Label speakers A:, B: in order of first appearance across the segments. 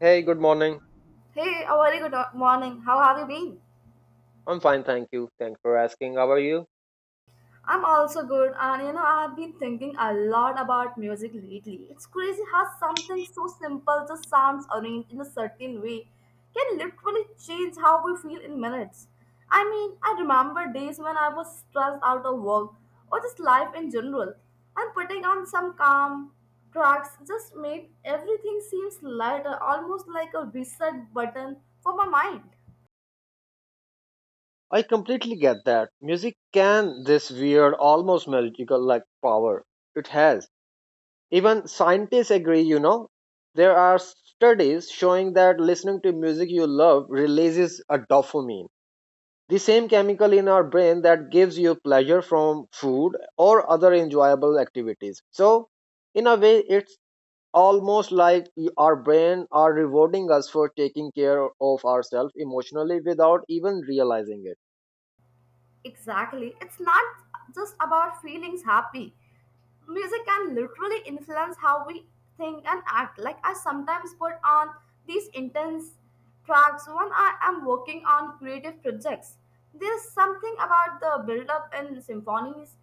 A: Hey, good morning.
B: Hey, a very good morning. How have you been?
A: I'm fine, thank you. Thanks for asking. How are you?
B: I'm also good, and you know, I've been thinking a lot about music lately. It's crazy how something so simple just sounds arranged in a certain way can literally change how we feel in minutes. I mean, I remember days when I was stressed out of work or just life in general, and putting on some calm tracks just made everything seems lighter, almost like a reset button for my mind.
A: I completely get that. Music can this weird, almost magical like power. It has. Even scientists agree, you know. There are studies showing that listening to music you love releases a dopamine, the same chemical in our brain that gives you pleasure from food or other enjoyable activities. So, in a way, it's almost like our brain are rewarding us for taking care of ourselves emotionally without even realizing it.
B: Exactly. It's not just about feelings happy. Music can literally influence how we think and act. Like I sometimes put on these intense tracks when I am working on creative projects. There's something about the build-up in symphonies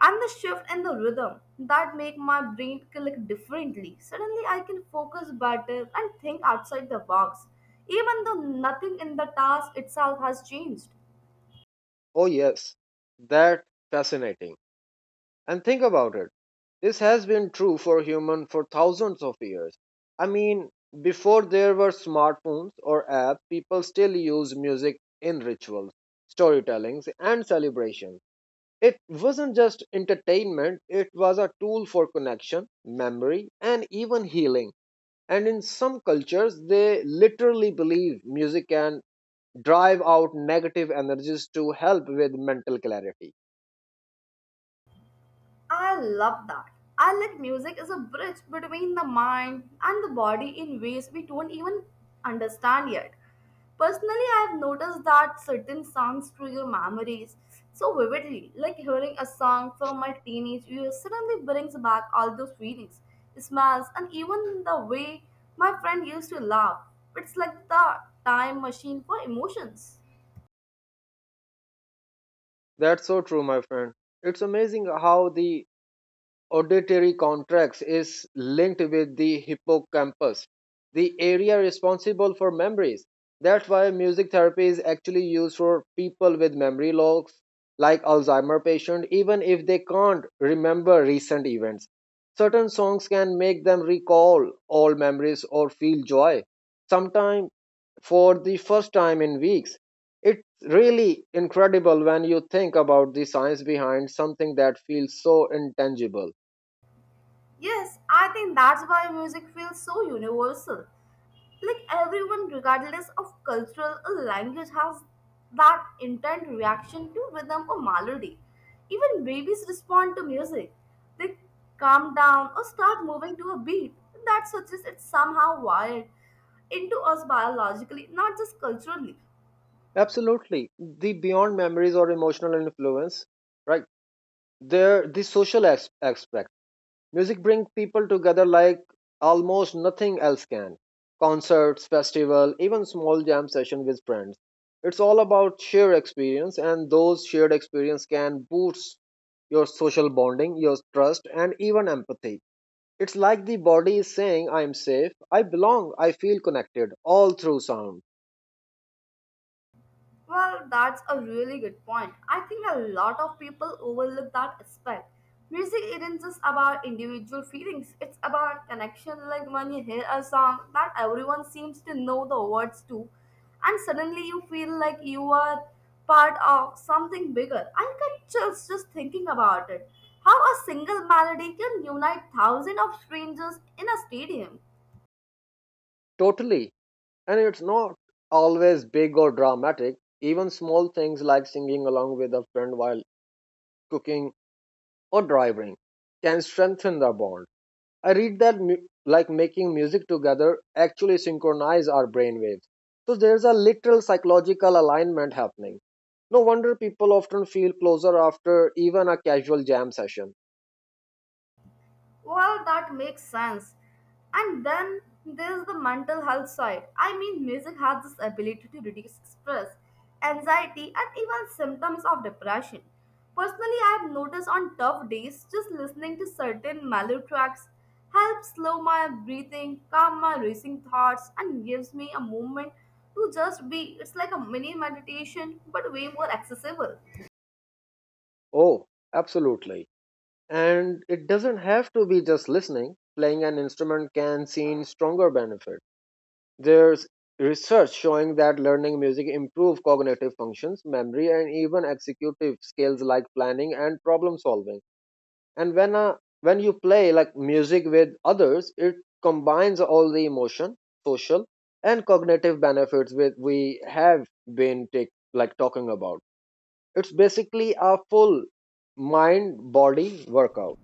B: and the shift in the rhythm that make my brain click differently. Suddenly I can focus better and think outside the box, even though nothing in the task itself has changed.
A: Oh yes, that fascinating. And think about it, this has been true for human for thousands of years. I mean, before there were smartphones or apps, people still used music in rituals, storytellings and celebrations. It wasn't just entertainment, it was a tool for connection, memory and even healing. And in some cultures, they literally believe music can drive out negative energies to help with mental clarity.
B: I love that. I like music as a bridge between the mind and the body in ways we don't even understand yet. Personally, I have noticed that certain songs trigger memories so vividly, like hearing a song from my teenage years suddenly brings back all those feelings, smells, and even the way my friend used to laugh. It's like the time machine for emotions.
A: That's so true, my friend. It's amazing how the auditory cortex is linked with the hippocampus, the area responsible for memories. That's why music therapy is actually used for people with memory loss, like Alzheimer patient, even if they can't remember recent events. Certain songs can make them recall old memories or feel joy, sometimes for the first time in weeks. It's really incredible when you think about the science behind something that feels so intangible.
B: Yes, I think that's why music feels so universal. Like everyone, regardless of cultural or language, has that intent reaction to rhythm or melody. Even babies respond to music. They calm down or start moving to a beat that suggests it's somehow wired into us biologically, not just culturally.
A: Absolutely. The beyond memories or emotional influence, right? There, the social aspect. Music brings people together like almost nothing else can. Concerts, festival, even small jam session with friends. It's all about shared experience, and those shared experience can boost your social bonding, your trust, and even empathy. It's like the body is saying, I am safe, I belong, I feel connected, all through sound.
B: Well, that's a really good point. I think a lot of people overlook that aspect. Music isn't just about individual feelings, it's about connection. Like when you hear a song that everyone seems to know the words to, and suddenly you feel like you are part of something bigger. I can just thinking about it. How a single melody can unite thousands of strangers in a stadium.
A: Totally. And it's not always big or dramatic. Even small things like singing along with a friend while cooking or driving can strengthen the bond. I read that like making music together actually synchronize our brainwaves. So there's a literal psychological alignment happening. No wonder people often feel closer after even a casual jam session.
B: Well, that makes sense. And then there's the mental health side. I mean, music has this ability to reduce stress, anxiety, and even symptoms of depression. Personally, I have noticed on tough days, just listening to certain mellow tracks helps slow my breathing, calm my racing thoughts, and gives me a moment to just be. It's like a mini meditation, but way more accessible.
A: Oh, absolutely. And it doesn't have to be just listening. Playing an instrument can see stronger benefit. There's research showing that learning music improves cognitive functions, memory, and even executive skills like planning and problem solving. And when you play like music with others, it combines all the emotion, social, and cognitive benefits with we have been take, like talking about. It's basically a full mind body workout.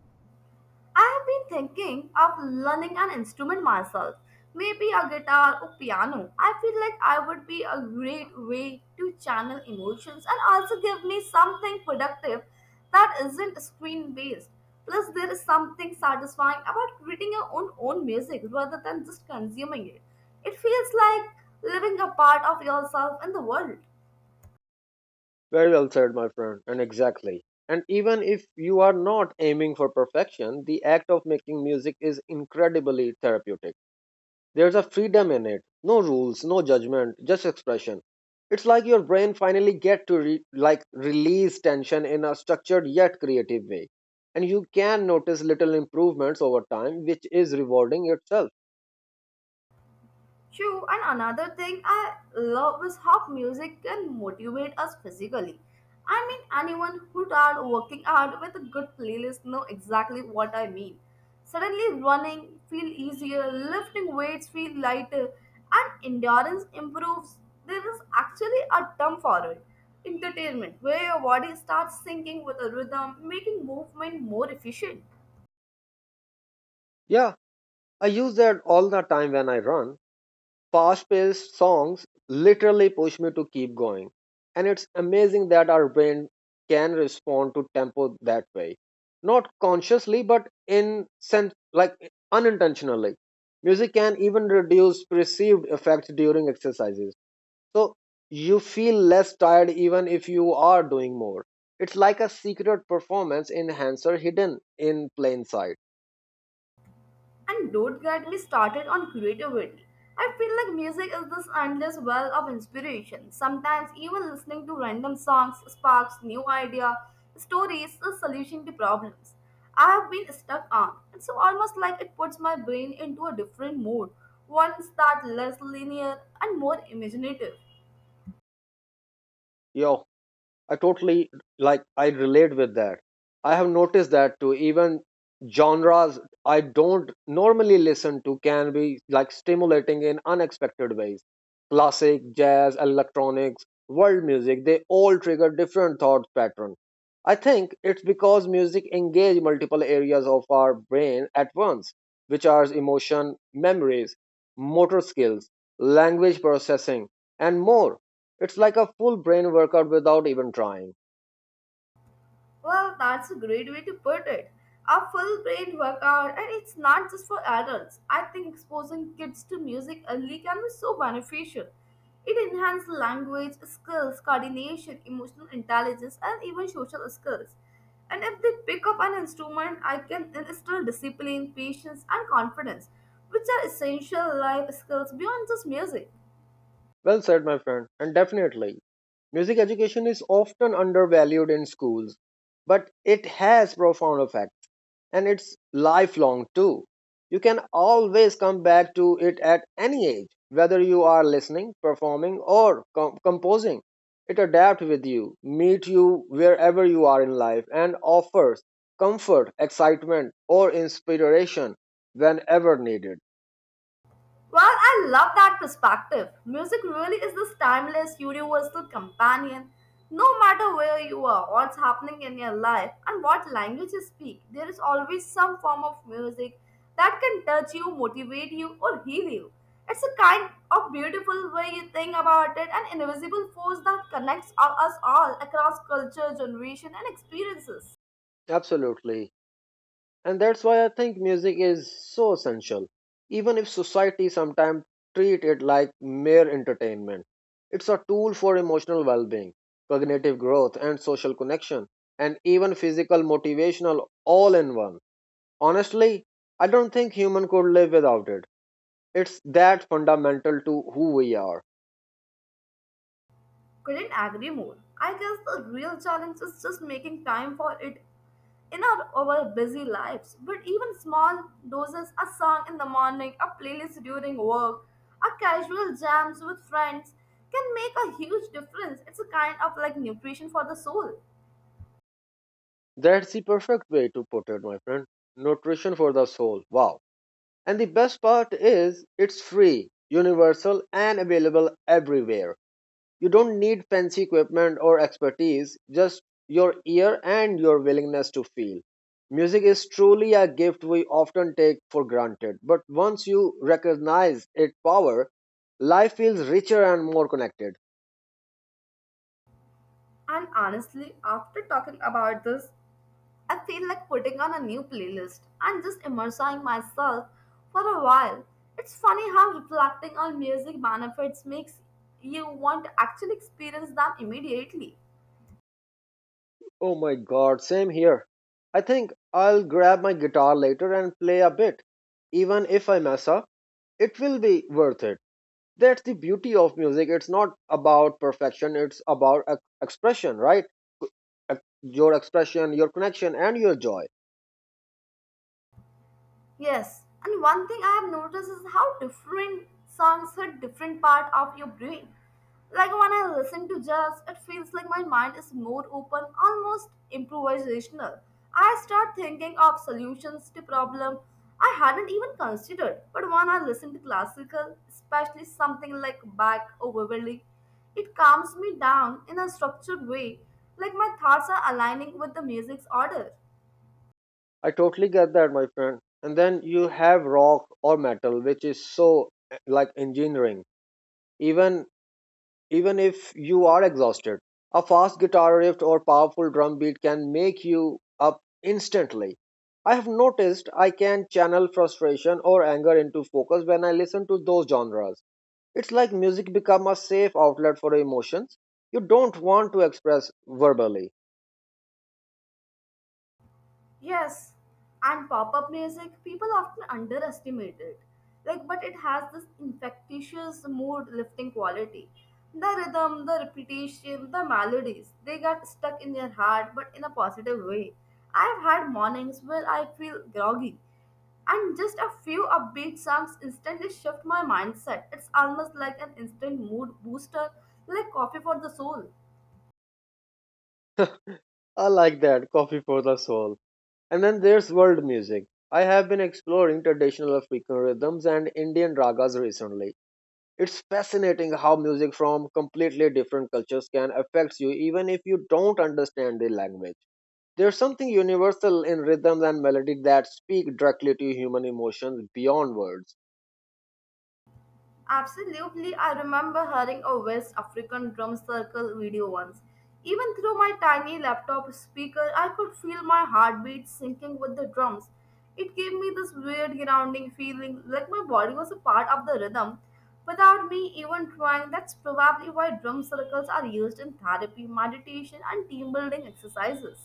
B: I have been thinking of learning an instrument myself, maybe a guitar or piano. I feel like I would be a great way to channel emotions and also give me something productive that isn't screen based. Plus, there is something satisfying about creating your own music rather than just consuming it. It feels like living a part of yourself in the world.
A: Very well said, my friend, and exactly. And even if you are not aiming for perfection, the act of making music is incredibly therapeutic. There's a freedom in it, no rules, no judgment, just expression. It's like your brain finally get to like release tension in a structured yet creative way, and you can notice little improvements over time, which is rewarding itself.
B: True, and another thing I love is how music can motivate us physically. I mean, anyone who starts working out with a good playlist know exactly what I mean. Suddenly, running feel easier, lifting weights feel lighter, and endurance improves. There is actually a term for it, entertainment, where your body starts syncing with a rhythm, making movement more efficient.
A: Yeah, I use that all the time when I run. Fast-paced songs literally push me to keep going. And it's amazing that our brain can respond to tempo that way. Not consciously, but in sense like unintentionally. Music can even reduce perceived effects during exercises. So you feel less tired even if you are doing more. It's like a secret performance enhancer hidden in plain sight.
B: And don't get me started on creativity. I feel like music is this endless well of inspiration. Sometimes even listening to random songs sparks new idea, stories, a solution to problems. I have been stuck on. It's almost like it puts my brain into a different mode, one that's less linear and more imaginative.
A: Your I totally like I relate with that. I have noticed that too. Even genres I don't normally listen to can be like stimulating in unexpected ways. Classic, jazz, electronics, world music, they all trigger different thought patterns. I think it's because music engages multiple areas of our brain at once, which are emotion, memories, motor skills, language processing, and more. It's like a full brain workout without even trying.
B: Well, that's a great way to put it. A full brain workout, and it's not just for adults. I think exposing kids to music early can be so beneficial. It enhances language skills, coordination, emotional intelligence, and even social skills. And if they pick up an instrument, I can instill discipline, patience, and confidence, which are essential life skills beyond just music.
A: Well said, my friend, and definitely. Music education is often undervalued in schools, but it has profound effects and it's lifelong too. You can always come back to it at any age, whether you are listening, performing, or composing. It adapts with you, meet you wherever you are in life, and offers comfort, excitement, or inspiration whenever needed.
B: Well, I love that perspective. Music really is this timeless, universal companion. No matter where you are, what's happening in your life, and what language you speak, there is always some form of music that can touch you, motivate you, or heal you. It's a kind of beautiful way you think about it, an invisible force that connects us all across culture, generation, and experiences.
A: Absolutely. And that's why I think music is so essential, even if society sometimes treat it like mere entertainment. It's a tool for emotional well-being, cognitive growth and social connection, and even physical motivational all in one. Honestly, I don't think human could live without it. It's that fundamental to who we are.
B: Couldn't agree more. I guess the real challenge is just making time for it in our busy lives. But even small doses, a song in the morning, a playlist during work, a casual jams with friends can make a huge difference. It's a kind of like nutrition for the soul.
A: That's the perfect way to put it, my friend. Nutrition for the soul. Wow. And the best part is it's free, universal, and available everywhere. You don't need fancy equipment or expertise, just your ear and your willingness to feel. Music is truly a gift we often take for granted, but once you recognize its power, life feels richer and more connected.
B: And honestly, after talking about this, I feel like putting on a new playlist and just immersing myself for a while. It's funny how reflecting on music benefits makes you want to actually experience them immediately.
A: Oh my god, same here. I think I'll grab my guitar later and play a bit. Even if I mess up, it will be worth it. That's the beauty of music, it's not about perfection, it's about expression, right? Your expression, your connection and your joy.
B: Yes, and one thing I have noticed is how different songs hit different part of your brain. Like when I listen to jazz, it feels like my mind is more open, almost improvisational. I start thinking of solutions to problem I hadn't even considered. But when I listen to classical, especially something like Bach or Vivaldi, it calms me down in a structured way, like my thoughts are aligning with the music's order.
A: I totally get that, my friend. And then you have rock or metal, which is so like engineering. Even even if you are exhausted, a fast guitar riff or powerful drum beat can make you up instantly. I have noticed I can channel frustration or anger into focus when I listen to those genres. It's like music become a safe outlet for emotions you don't want to express verbally.
B: Yes, and pop-up music, people often underestimate it. Like, but it has this infectious mood-lifting quality. The rhythm, the repetition, the melodies, they get stuck in your heart, but in a positive way. I've had mornings where I feel groggy, and just a few upbeat songs instantly shift my mindset. It's almost like an instant mood booster, like coffee for the soul.
A: I like that, coffee for the soul. And then there's world music. I have been exploring traditional African rhythms and Indian ragas recently. It's fascinating how music from completely different cultures can affect you even if you don't understand the language. There's something universal in rhythms and melody that speak directly to human emotions beyond words.
B: Absolutely, I remember hearing a West African drum circle video once. Even through my tiny laptop speaker, I could feel my heartbeat syncing with the drums. It gave me this weird grounding feeling, like my body was a part of the rhythm. Without me even trying, that's probably why drum circles are used in therapy, meditation, and team building exercises.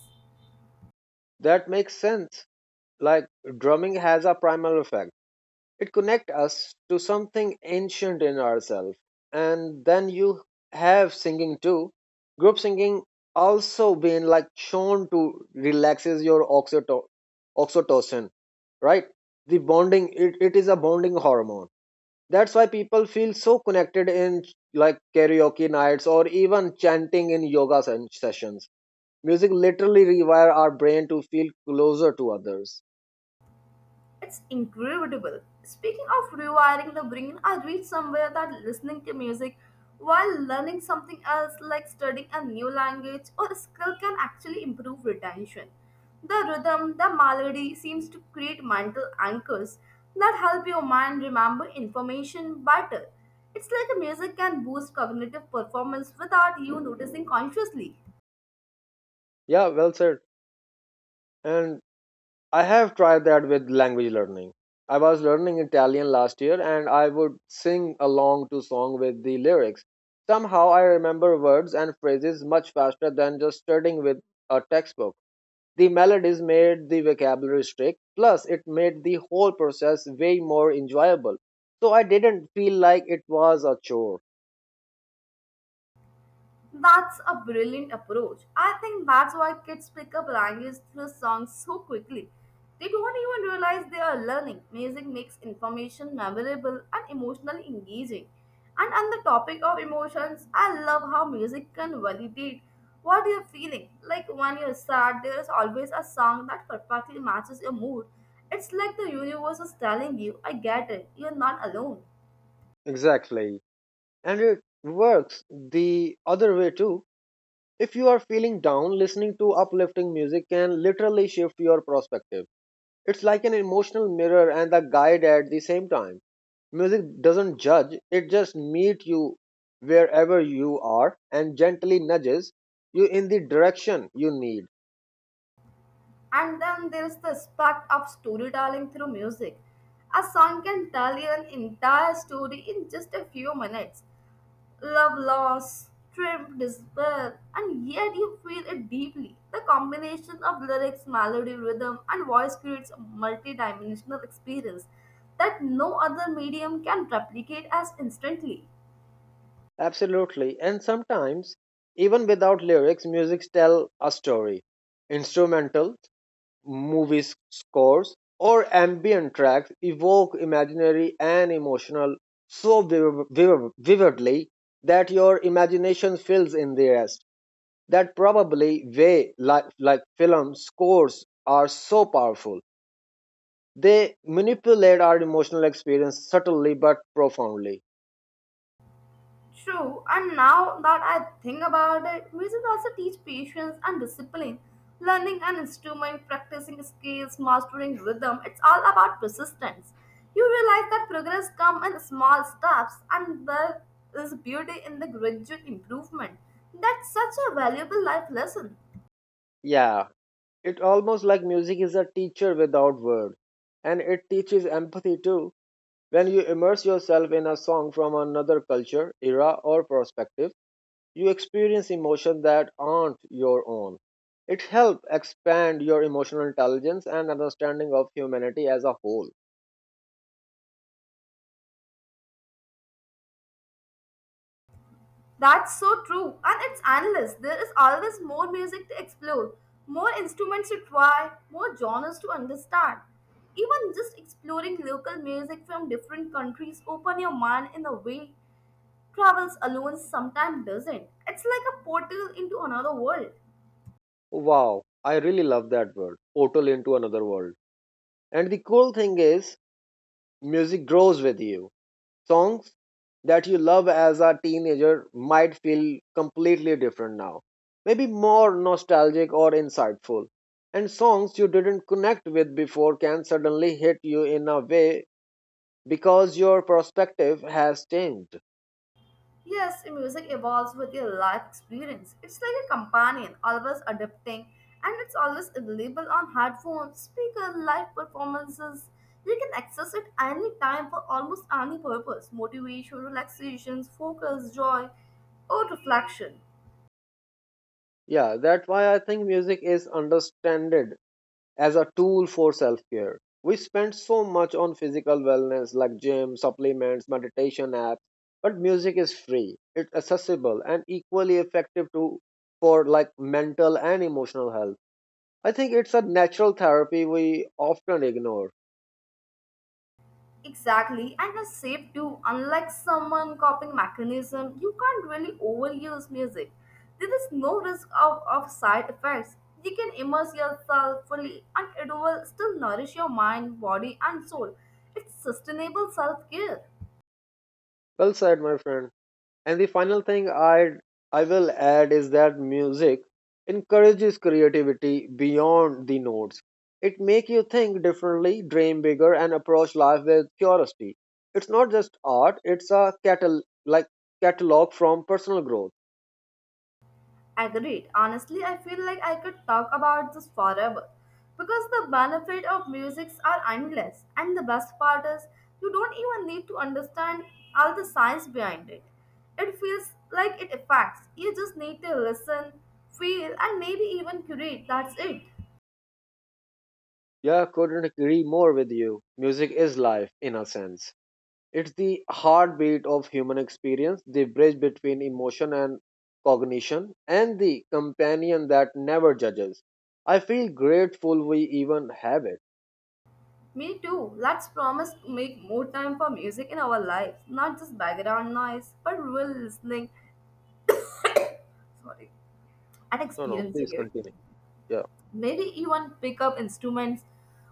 A: That makes sense. Like drumming has a primal effect. It connects us to something ancient in ourselves. And then you have singing too. Group singing also been like shown to relaxes your oxytocin, right? The bonding, it is a bonding hormone. That's why people feel so connected in like karaoke nights or even chanting in yoga sessions. Music literally rewire our brain to feel closer to others.
B: It's incredible. Speaking of rewiring the brain, I read somewhere that listening to music while learning something else, like studying a new language or skill, can actually improve retention. The rhythm, the melody seems to create mental anchors that help your mind remember information better. It's like music can boost cognitive performance without you noticing consciously.
A: Yeah, well said. And I have tried that with language learning. I was learning Italian last year and I would sing along to song with the lyrics. Somehow I remember words and phrases much faster than just studying with a textbook. The melodies made the vocabulary strict, plus it made the whole process way more enjoyable. So I didn't feel like it was a chore.
B: That's a brilliant approach. I think that's why kids pick up language through songs so quickly. They don't even realize they are learning. Music makes information memorable and emotionally engaging. And on the topic of emotions, I love how music can validate what you're feeling. Like when you're sad, there is always a song that perfectly matches your mood. It's like the universe is telling you, I get it, you're not alone.
A: Exactly. And it works the other way too. If you are feeling down, listening to uplifting music can literally shift your perspective. It's like an emotional mirror and a guide at the same time. Music doesn't judge, it just meets you wherever you are and gently nudges you in the direction you need.
B: And then there's the aspect of storytelling through music. A song can tell you an entire story in just a few minutes. Love, loss, triumph, despair, and yet you feel it deeply. The combination of lyrics, melody, rhythm, and voice creates a multi-dimensional experience that no other medium can replicate as instantly.
A: Absolutely. And sometimes, even without lyrics, music tell a story. Instrumental movie scores or ambient tracks evoke imaginary and emotional so vividly that your imagination fills in the rest. That probably way like film scores are so powerful. They manipulate our emotional experience subtly but profoundly.
B: True, and now that I think about it, music also teaches patience and discipline. Learning an instrument, practicing scales, mastering rhythm, it's all about persistence. You realize that progress comes in small steps and there is beauty in the gradual improvement. That's such a valuable life lesson.
A: Yeah, it almost like music is a teacher without word, and it teaches empathy too. When you immerse yourself in a song from another culture, era, or perspective, you experience emotions that aren't your own. It helps expand your emotional intelligence and understanding of humanity as a whole.
B: That's so true, and it's endless. There is always more music to explore, more instruments to try, more genres to understand. Even just exploring local music from different countries open your mind in a way travels alone sometimes doesn't. It's like a portal into another world.
A: Wow, I really love that word, portal into another world. And the cool thing is, music grows with you. Songs that you love as a teenager might feel completely different now, maybe more nostalgic or insightful. And songs you didn't connect with before can suddenly hit you in a way because your perspective has changed.
B: Yes, music evolves with your life experience. It's like a companion, always adapting, and it's always available on headphones, speaker, live performances. You can access it any time for almost any purpose motivation, relaxations, focus, joy, or reflection.
A: Yeah, that's why I think music is understood as a tool for self care. We spend so much on physical wellness like gym, supplements, meditation apps, but music is free, it's accessible, and equally effective to for like mental and emotional health. I think it's a natural therapy we often ignore.
B: Exactly, and it's safe too. Unlike someone copying mechanism, you can't really overuse music. There is no risk of side effects. You can immerse yourself fully and it will still nourish your mind, body, and soul. It's sustainable self care.
A: Well said, my friend. And the final thing I will add is that music encourages creativity beyond the notes. It makes you think differently, dream bigger, and approach life with curiosity. It's not just art; it's a catal like catalog from personal growth.
B: Agreed. Honestly, I feel like I could talk about this forever because the benefit of musics are endless, and the best part is you don't even need to understand all the science behind it. It feels like it affects. You just need to listen, feel, and maybe even curate. That's it.
A: Yeah, couldn't agree more with you. Music is life in a sense. It's the heartbeat of human experience, the bridge between emotion and cognition, and the companion that never judges. I feel grateful we even have it.
B: Me too. Let's promise to make more time for music in our lives, not just background noise, but real listening. Sorry, and
A: No, no,
B: experiencing
A: please
B: it.
A: continue. Yeah,
B: Maybe even pick up instruments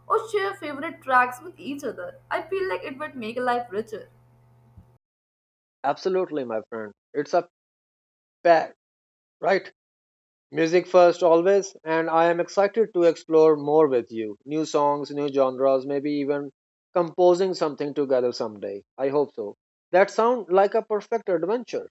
B: or share favorite tracks with each other. I feel like it would make life richer.
A: absolutely, my friend. It's a pact, right? Music first, always, and I am excited to explore more with you. New songs, new genres, maybe even composing something together someday. I hope so. That sounds like a perfect adventure.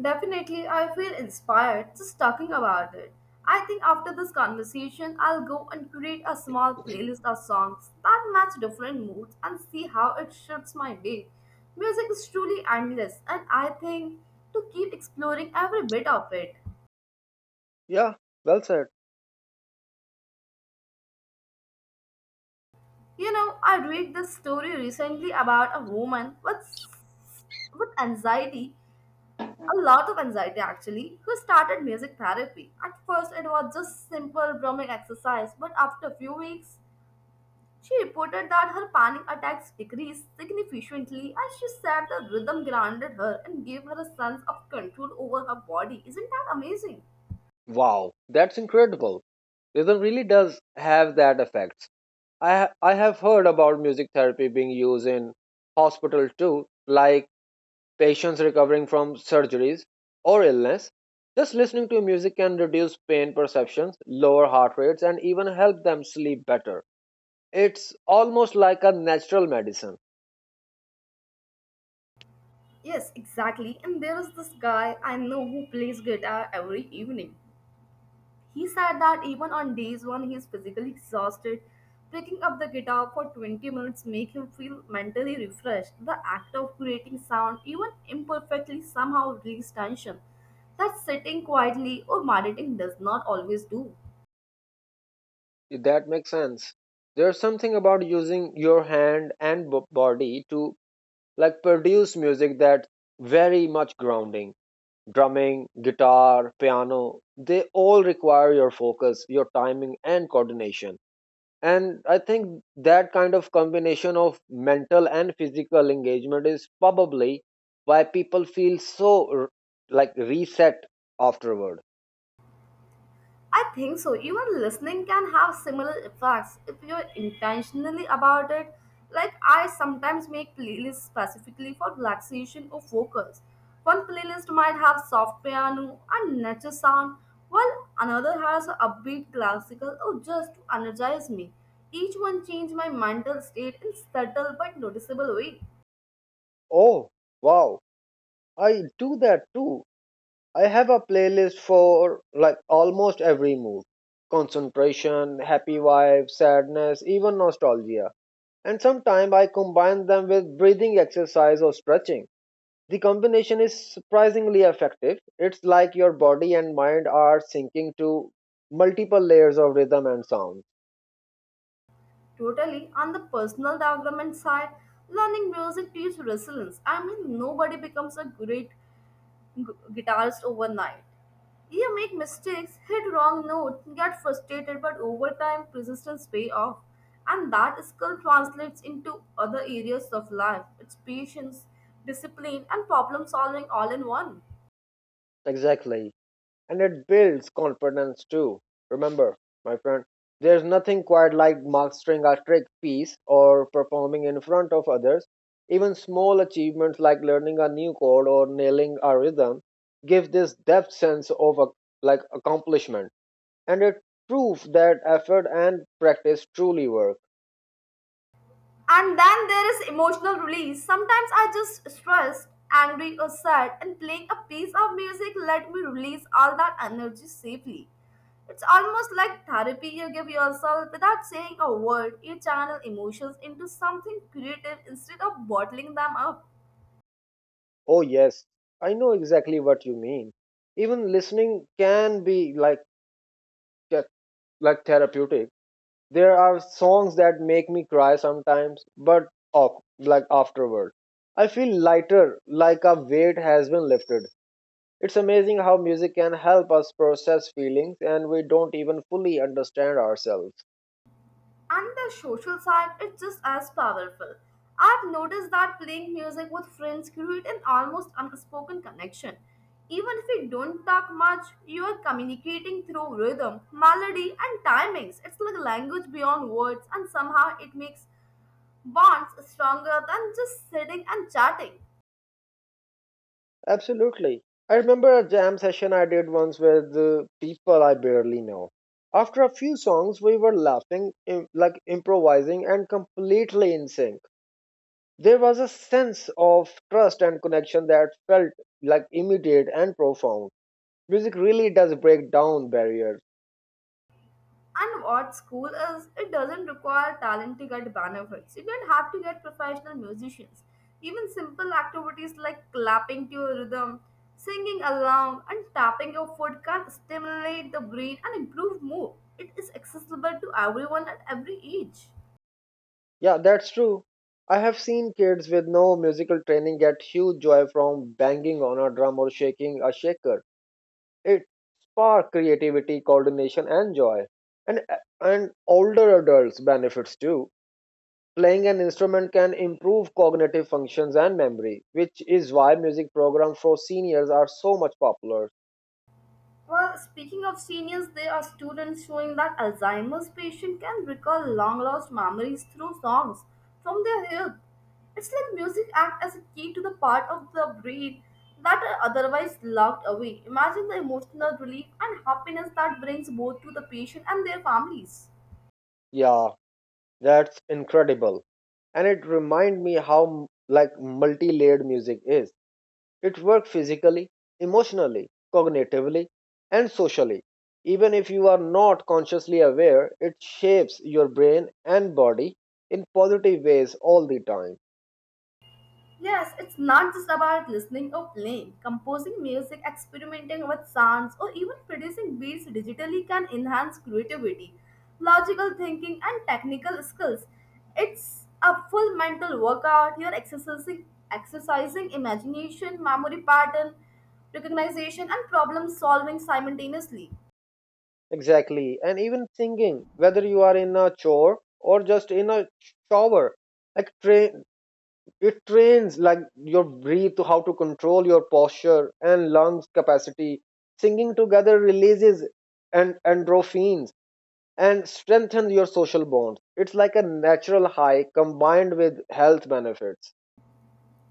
B: Definitely, I feel inspired just talking about it. I think after this conversation, I'll go and create a small playlist of songs that match different moods and see how it shifts my day. Music is truly endless, and I think to keep exploring every bit of it.
A: Yeah, well said.
B: You know, I read this story recently about a woman with anxiety a lot of anxiety actually, who started music therapy. At first, it was just simple drumming exercise, but after a few weeks, she reported that her panic attacks decreased significantly and she said the rhythm grounded her and gave her a sense of control over her body. Isn't that amazing?
A: Wow, that's incredible. Rhythm really does have that effect. I have heard about music therapy being used in hospital too, like patients recovering from surgeries or illness. Just listening to music can reduce pain perceptions, lower heart rates, and even help them sleep better. It's almost like a natural medicine.
B: Yes, exactly. And there is this guy I know who plays guitar every evening. He said that even on days when he is physically exhausted, picking up the guitar for 20 minutes make him feel mentally refreshed. The act of creating sound, even imperfectly, somehow releases tension that sitting quietly or meditating does not always do.
A: If that makes sense. There's something about using your hand and body to like produce music that's very much grounding drumming, guitar, piano, they all require your focus, your timing, and coordination. And I think that kind of combination of mental and physical engagement is probably why people feel like reset afterward.
B: I think so. Even listening can have similar effects if you're intentionally about it. Like I sometimes make playlists specifically for relaxation or focus. One playlist might have soft piano and nature sound, while another has upbeat classical or just to energize me. Each one changes my mental state in subtle but noticeable way.
A: Oh, wow, I do that too. I have a playlist for like almost every mood concentration, happy vibe, sadness, even nostalgia and sometimes I combine them with breathing exercise or stretching. The combination is surprisingly effective. It's like your body and mind are sinking to multiple layers of rhythm and sound.
B: Totally, on the personal development side, learning music teaches resilience. I mean, nobody becomes a great guitarist overnight. You make mistakes, hit wrong notes, get frustrated, but over time, persistence pays off, and that skill translates into other areas of life. It's patience, discipline, and problem solving all in one.
A: Exactly. And it builds confidence too. Remember, my friend, there's nothing quite like mastering a trick piece or performing in front of others. Even small achievements like learning a new chord or nailing a rhythm give this depth sense of a, like accomplishment and a proof that effort and practice truly work.
B: And then there is emotional release. Sometimes I just stressed, angry, or sad, and playing a piece of music let me release all that energy safely. It's almost like therapy you give yourself without saying a word. You channel emotions into something creative instead of bottling them up.
A: Oh, yes, I know exactly what you mean. Even listening can be th- like therapeutic. There are songs that make me cry sometimes, but oh, like afterward, I feel lighter, like a weight has been lifted. It's amazing how music can help us process feelings and we don't even fully understand ourselves.
B: And the social side is just as powerful. I've noticed that playing music with friends creates an almost unspoken connection. Even if you don't talk much, you are communicating through rhythm, melody, and timings. It's like language beyond words, and somehow it makes bonds stronger than just sitting and chatting.
A: Absolutely. I remember a jam session I did once with people I barely know. After a few songs, we were laughing, like improvising, and completely in sync. There was a sense of trust and connection that felt like immediate and profound. Music really does break down barriers.
B: And what's cool is it doesn't require talent to get benefits. You don't have to get professional musicians. Even simple activities like clapping to a rhythm, singing along, and tapping your foot can stimulate the brain and improve mood. It is accessible to everyone at every age.
A: Yeah, that's true. I have seen kids with no musical training get huge joy from banging on a drum or shaking a shaker. It spark creativity, coordination, and joy. And and older adults benefits too. Playing an instrument can improve cognitive functions and memory, which is why music programs for seniors are so much popular.
B: Well, speaking of seniors, there are students showing that Alzheimer's patients can recall long-lost memories through songs from their youth. It's like music acts as a key to the part of the brain that are otherwise locked away. Imagine the emotional relief and happiness that brings both to the patient and their families.
A: Yeah, that's incredible. And it remind me how like multi-layered music is. It works physically, emotionally, cognitively, and socially. Even if you are not consciously aware, it shapes your brain and body in positive ways all the time.
B: Yes, it's not just about listening or playing. Composing music, experimenting with sounds, or even producing beats digitally can enhance creativity, logical thinking, and technical skills. It's a full mental workout. You're exercising, imagination, memory pattern, recognition, and problem solving simultaneously.
A: Exactly. And even singing, whether you are in a chore or just in a shower, like train it trains like your breathe to how to control your posture and lungs capacity. Singing together releases and endorphins and strengthen your social bonds. It's like a natural high combined with health benefits.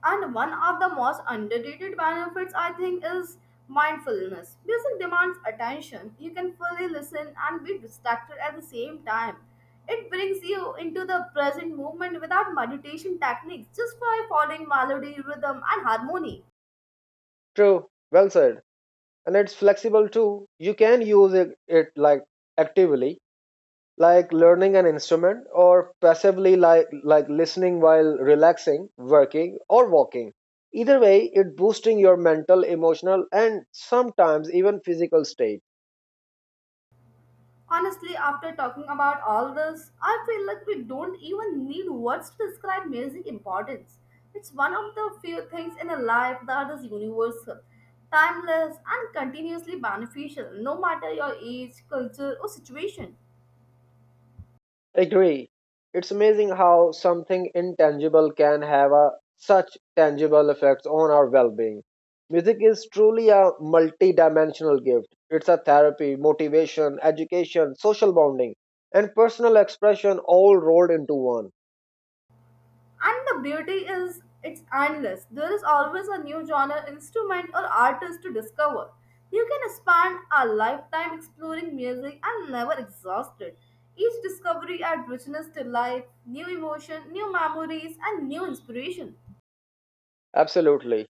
B: And one of the most underrated benefits, I think, is mindfulness. Music demands attention. You can fully listen and be distracted at the same time. It brings you into the present moment without meditation techniques, just by following melody, rhythm, and harmony.
A: True, well said. And it's flexible too. You can use it like actively, like learning an instrument, or passively, like listening while relaxing, working, or walking. Either way, it boosting your mental, emotional, and sometimes even physical state.
B: Honestly, after talking about all this, I feel like we don't even need words to describe music importance. It's one of the few things in a life that is universal, timeless, and continuously beneficial, no matter your age, culture, or situation.
A: Agree. It's amazing how something intangible can have a, such tangible effects on our well-being. Music is truly a multi-dimensional gift. It's a therapy, motivation, education, social bonding, and personal expression all rolled into one.
B: And the beauty is it's endless. There is always a new genre, instrument, or artist to discover. You can spend a lifetime exploring music and never exhausted. Each discovery adds richness to life, new emotion, new memories, and new inspiration.
A: Absolutely.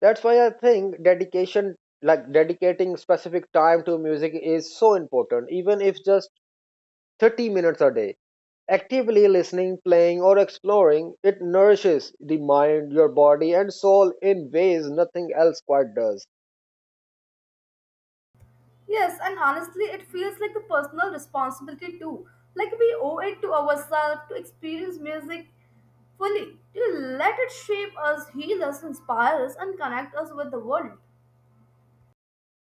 A: That's why I think dedication, like dedicating specific time to music, is so important, even if just 30 minutes a day. Actively listening, playing, or exploring, it nourishes the mind, your body, and soul in ways nothing else quite does.
B: Yes, and honestly, it feels like a personal responsibility too. Like we owe it to ourselves to experience music fully, to let it shape us, heal us, inspire us, and connect us with the world.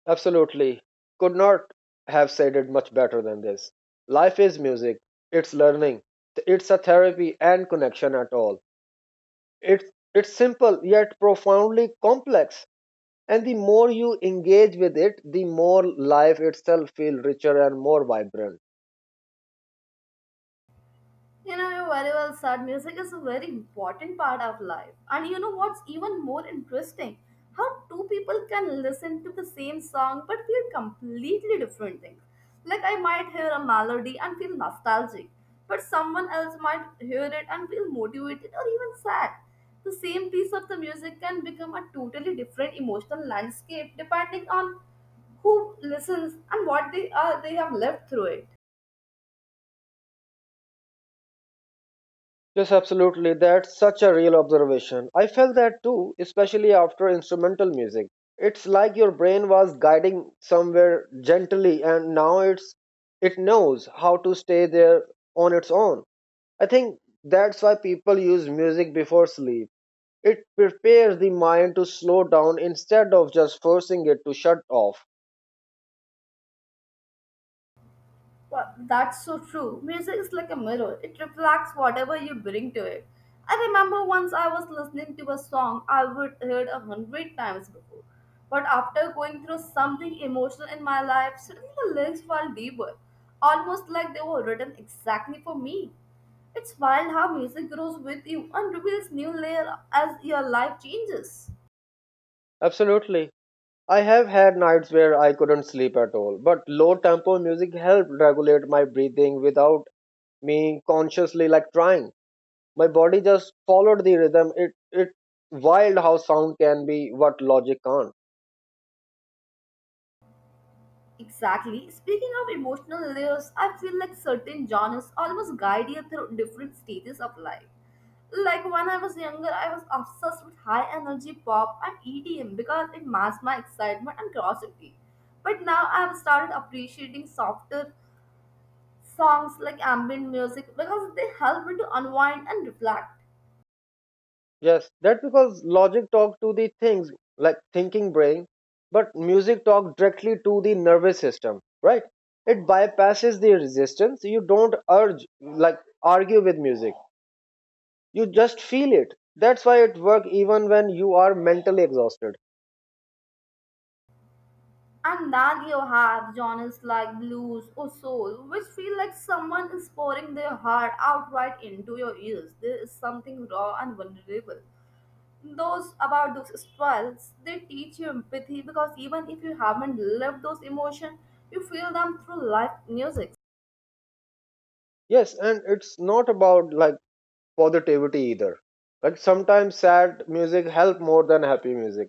A: Absolutely. Could not have said it much better than this. Life is music, it's learning, it's a therapy and connection at all. It's simple yet profoundly complex. And the more you engage with it, the more life itself feels richer and more vibrant.
B: You know, you very well said. Music is a very important part of life. And you know what's even more interesting? How two people can listen to the same song but feel completely different things. Like I might hear a melody and feel nostalgic, but someone else might hear it and feel motivated or even sad. The same piece of the music can become a totally different emotional landscape depending on who listens and what they have lived through it.
A: Yes, absolutely. That's such a real observation. I felt that too, especially after instrumental music. It's like your brain was guiding somewhere gently and now it knows how to stay there on its own. I think that's why people use music before sleep. It prepares the mind to slow down instead of just forcing it to shut off.
B: Well, that's so true. Music is like a mirror, it reflects whatever you bring to it. I remember once I was listening to a song I would heard a hundred times before. But after going through something emotional in my life, suddenly the lyrics felt deeper, almost like they were written exactly for me. It's wild how music grows with you and reveals new layer as your life changes.
A: Absolutely. I have had nights where I couldn't sleep at all, but low tempo music helped regulate my breathing without me consciously like trying. My body just followed the rhythm. It wild how sound can be what logic can't.
B: Exactly. Speaking of emotional layers, I feel like certain genres almost guide you through different stages of life. Like when I was younger, I was obsessed with high energy pop and EDM because it masked my excitement and curiosity. But now I've started appreciating softer songs like ambient music because they help me to unwind and reflect.
A: Yes, that's because logic talk to the things like thinking brain, but music talk directly to the nervous system, right? It bypasses the resistance. You don't urge like argue with music. You just feel it. That's why it work even when you are mentally exhausted.
B: And then you have genres like blues or soul, which feel like someone is pouring their heart outright into your ears. There is something raw and vulnerable. Those about those styles, they teach you empathy because even if you haven't lived those emotions, you feel them through live music.
A: Yes, and it's not about like positivity either. But sometimes sad music help more than happy music.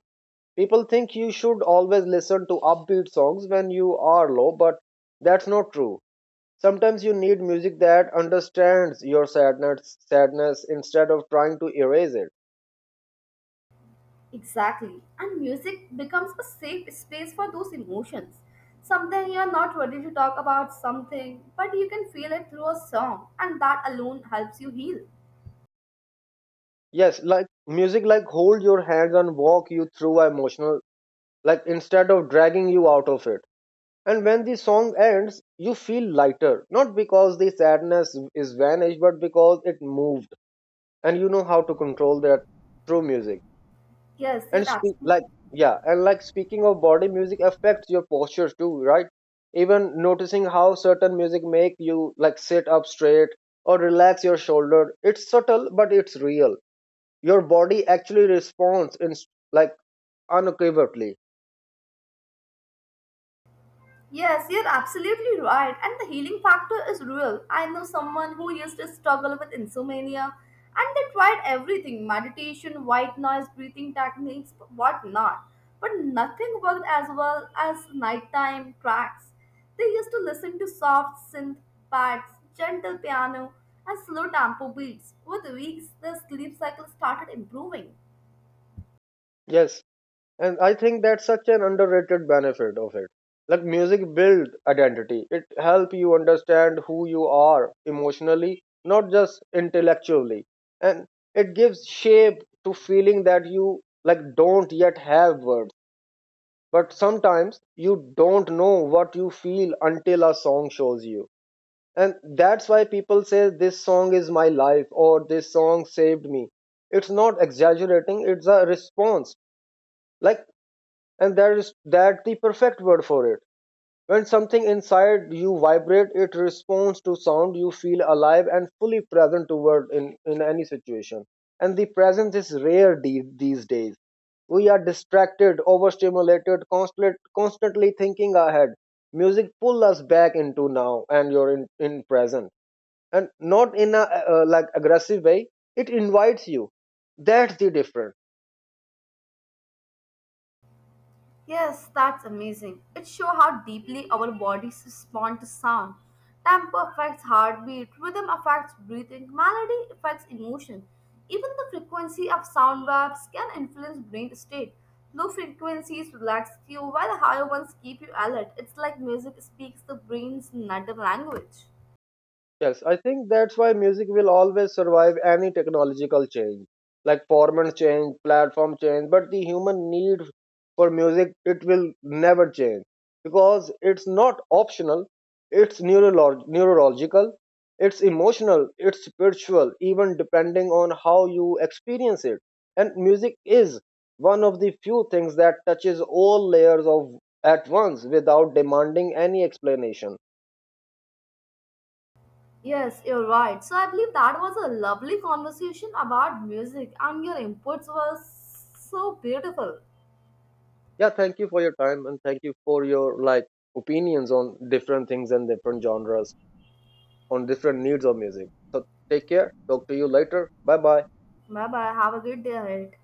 A: People think you should always listen to upbeat songs when you are low, but that's not true. Sometimes you need music that understands your sadness instead of trying to erase it.
B: Exactly. And music becomes a safe space for those emotions. Something you're not ready to talk about something, but you can feel it through a song, and that alone helps you heal.
A: Yes, like music like hold your hands and walk you through emotional like instead of dragging you out of it. And when the song ends, you feel lighter, not because the sadness is vanished, but because it moved and you know how to control that through music
B: Yes,
A: and
B: you're
A: speak
B: absolutely
A: like yeah and like speaking of body music affects your posture too right even noticing how certain music make you like sit up straight or relax your shoulder it's subtle but it's real your body actually responds like unequivocally.
B: yes, you're absolutely right. And the healing factor is real. I know someone who used to struggle with insomnia, and they tried everything: meditation, white noise, breathing techniques, whatnot. But nothing worked as well as nighttime tracks. They used to listen to soft synth pads, gentle piano, and slow tempo beats. With weeks, their sleep cycle started improving.
A: Yes, and I think that's such an underrated benefit of it. Like music build identity. It help you understand who you are emotionally, not just intellectually. And it gives shape to feeling that you like don't yet have words. But sometimes you don't know what you feel until a song shows you. And that's why people say this song is my life or this song saved me. It's not exaggerating, it's a response like and that is that the perfect word for it when something inside you vibrate it responds to sound you feel alive and fully present toward in any situation and the presence is rare these days we are distracted overstimulated constantly thinking ahead music pull us back into now and you're in present and not in a like aggressive way it invites you that's the difference.
B: Yes, that's amazing. It shows how deeply our bodies respond to sound. Tempo affects heartbeat, rhythm affects breathing, melody affects emotion. Even the frequency of sound waves can influence brain state. Low frequencies relax you, while the higher ones keep you alert. It's like music speaks the brain's native language.
A: Yes, I think that's why music will always survive any technological change, like formats change, platform change, but the human need for music it will never change because it's not optional, it's neurological, it's emotional, it's spiritual, even depending on how you experience it. And music is one of the few things that touches all layers of at once without demanding any explanation.
B: Yes, you're right. So I believe that was a lovely conversation about music, and your inputs were so beautiful.
A: Yeah, thank you for your time and thank you for your like opinions on different things and different genres, on different needs of music. So take care. Talk to you later. Bye bye.
B: Bye bye. Have a good day ahead.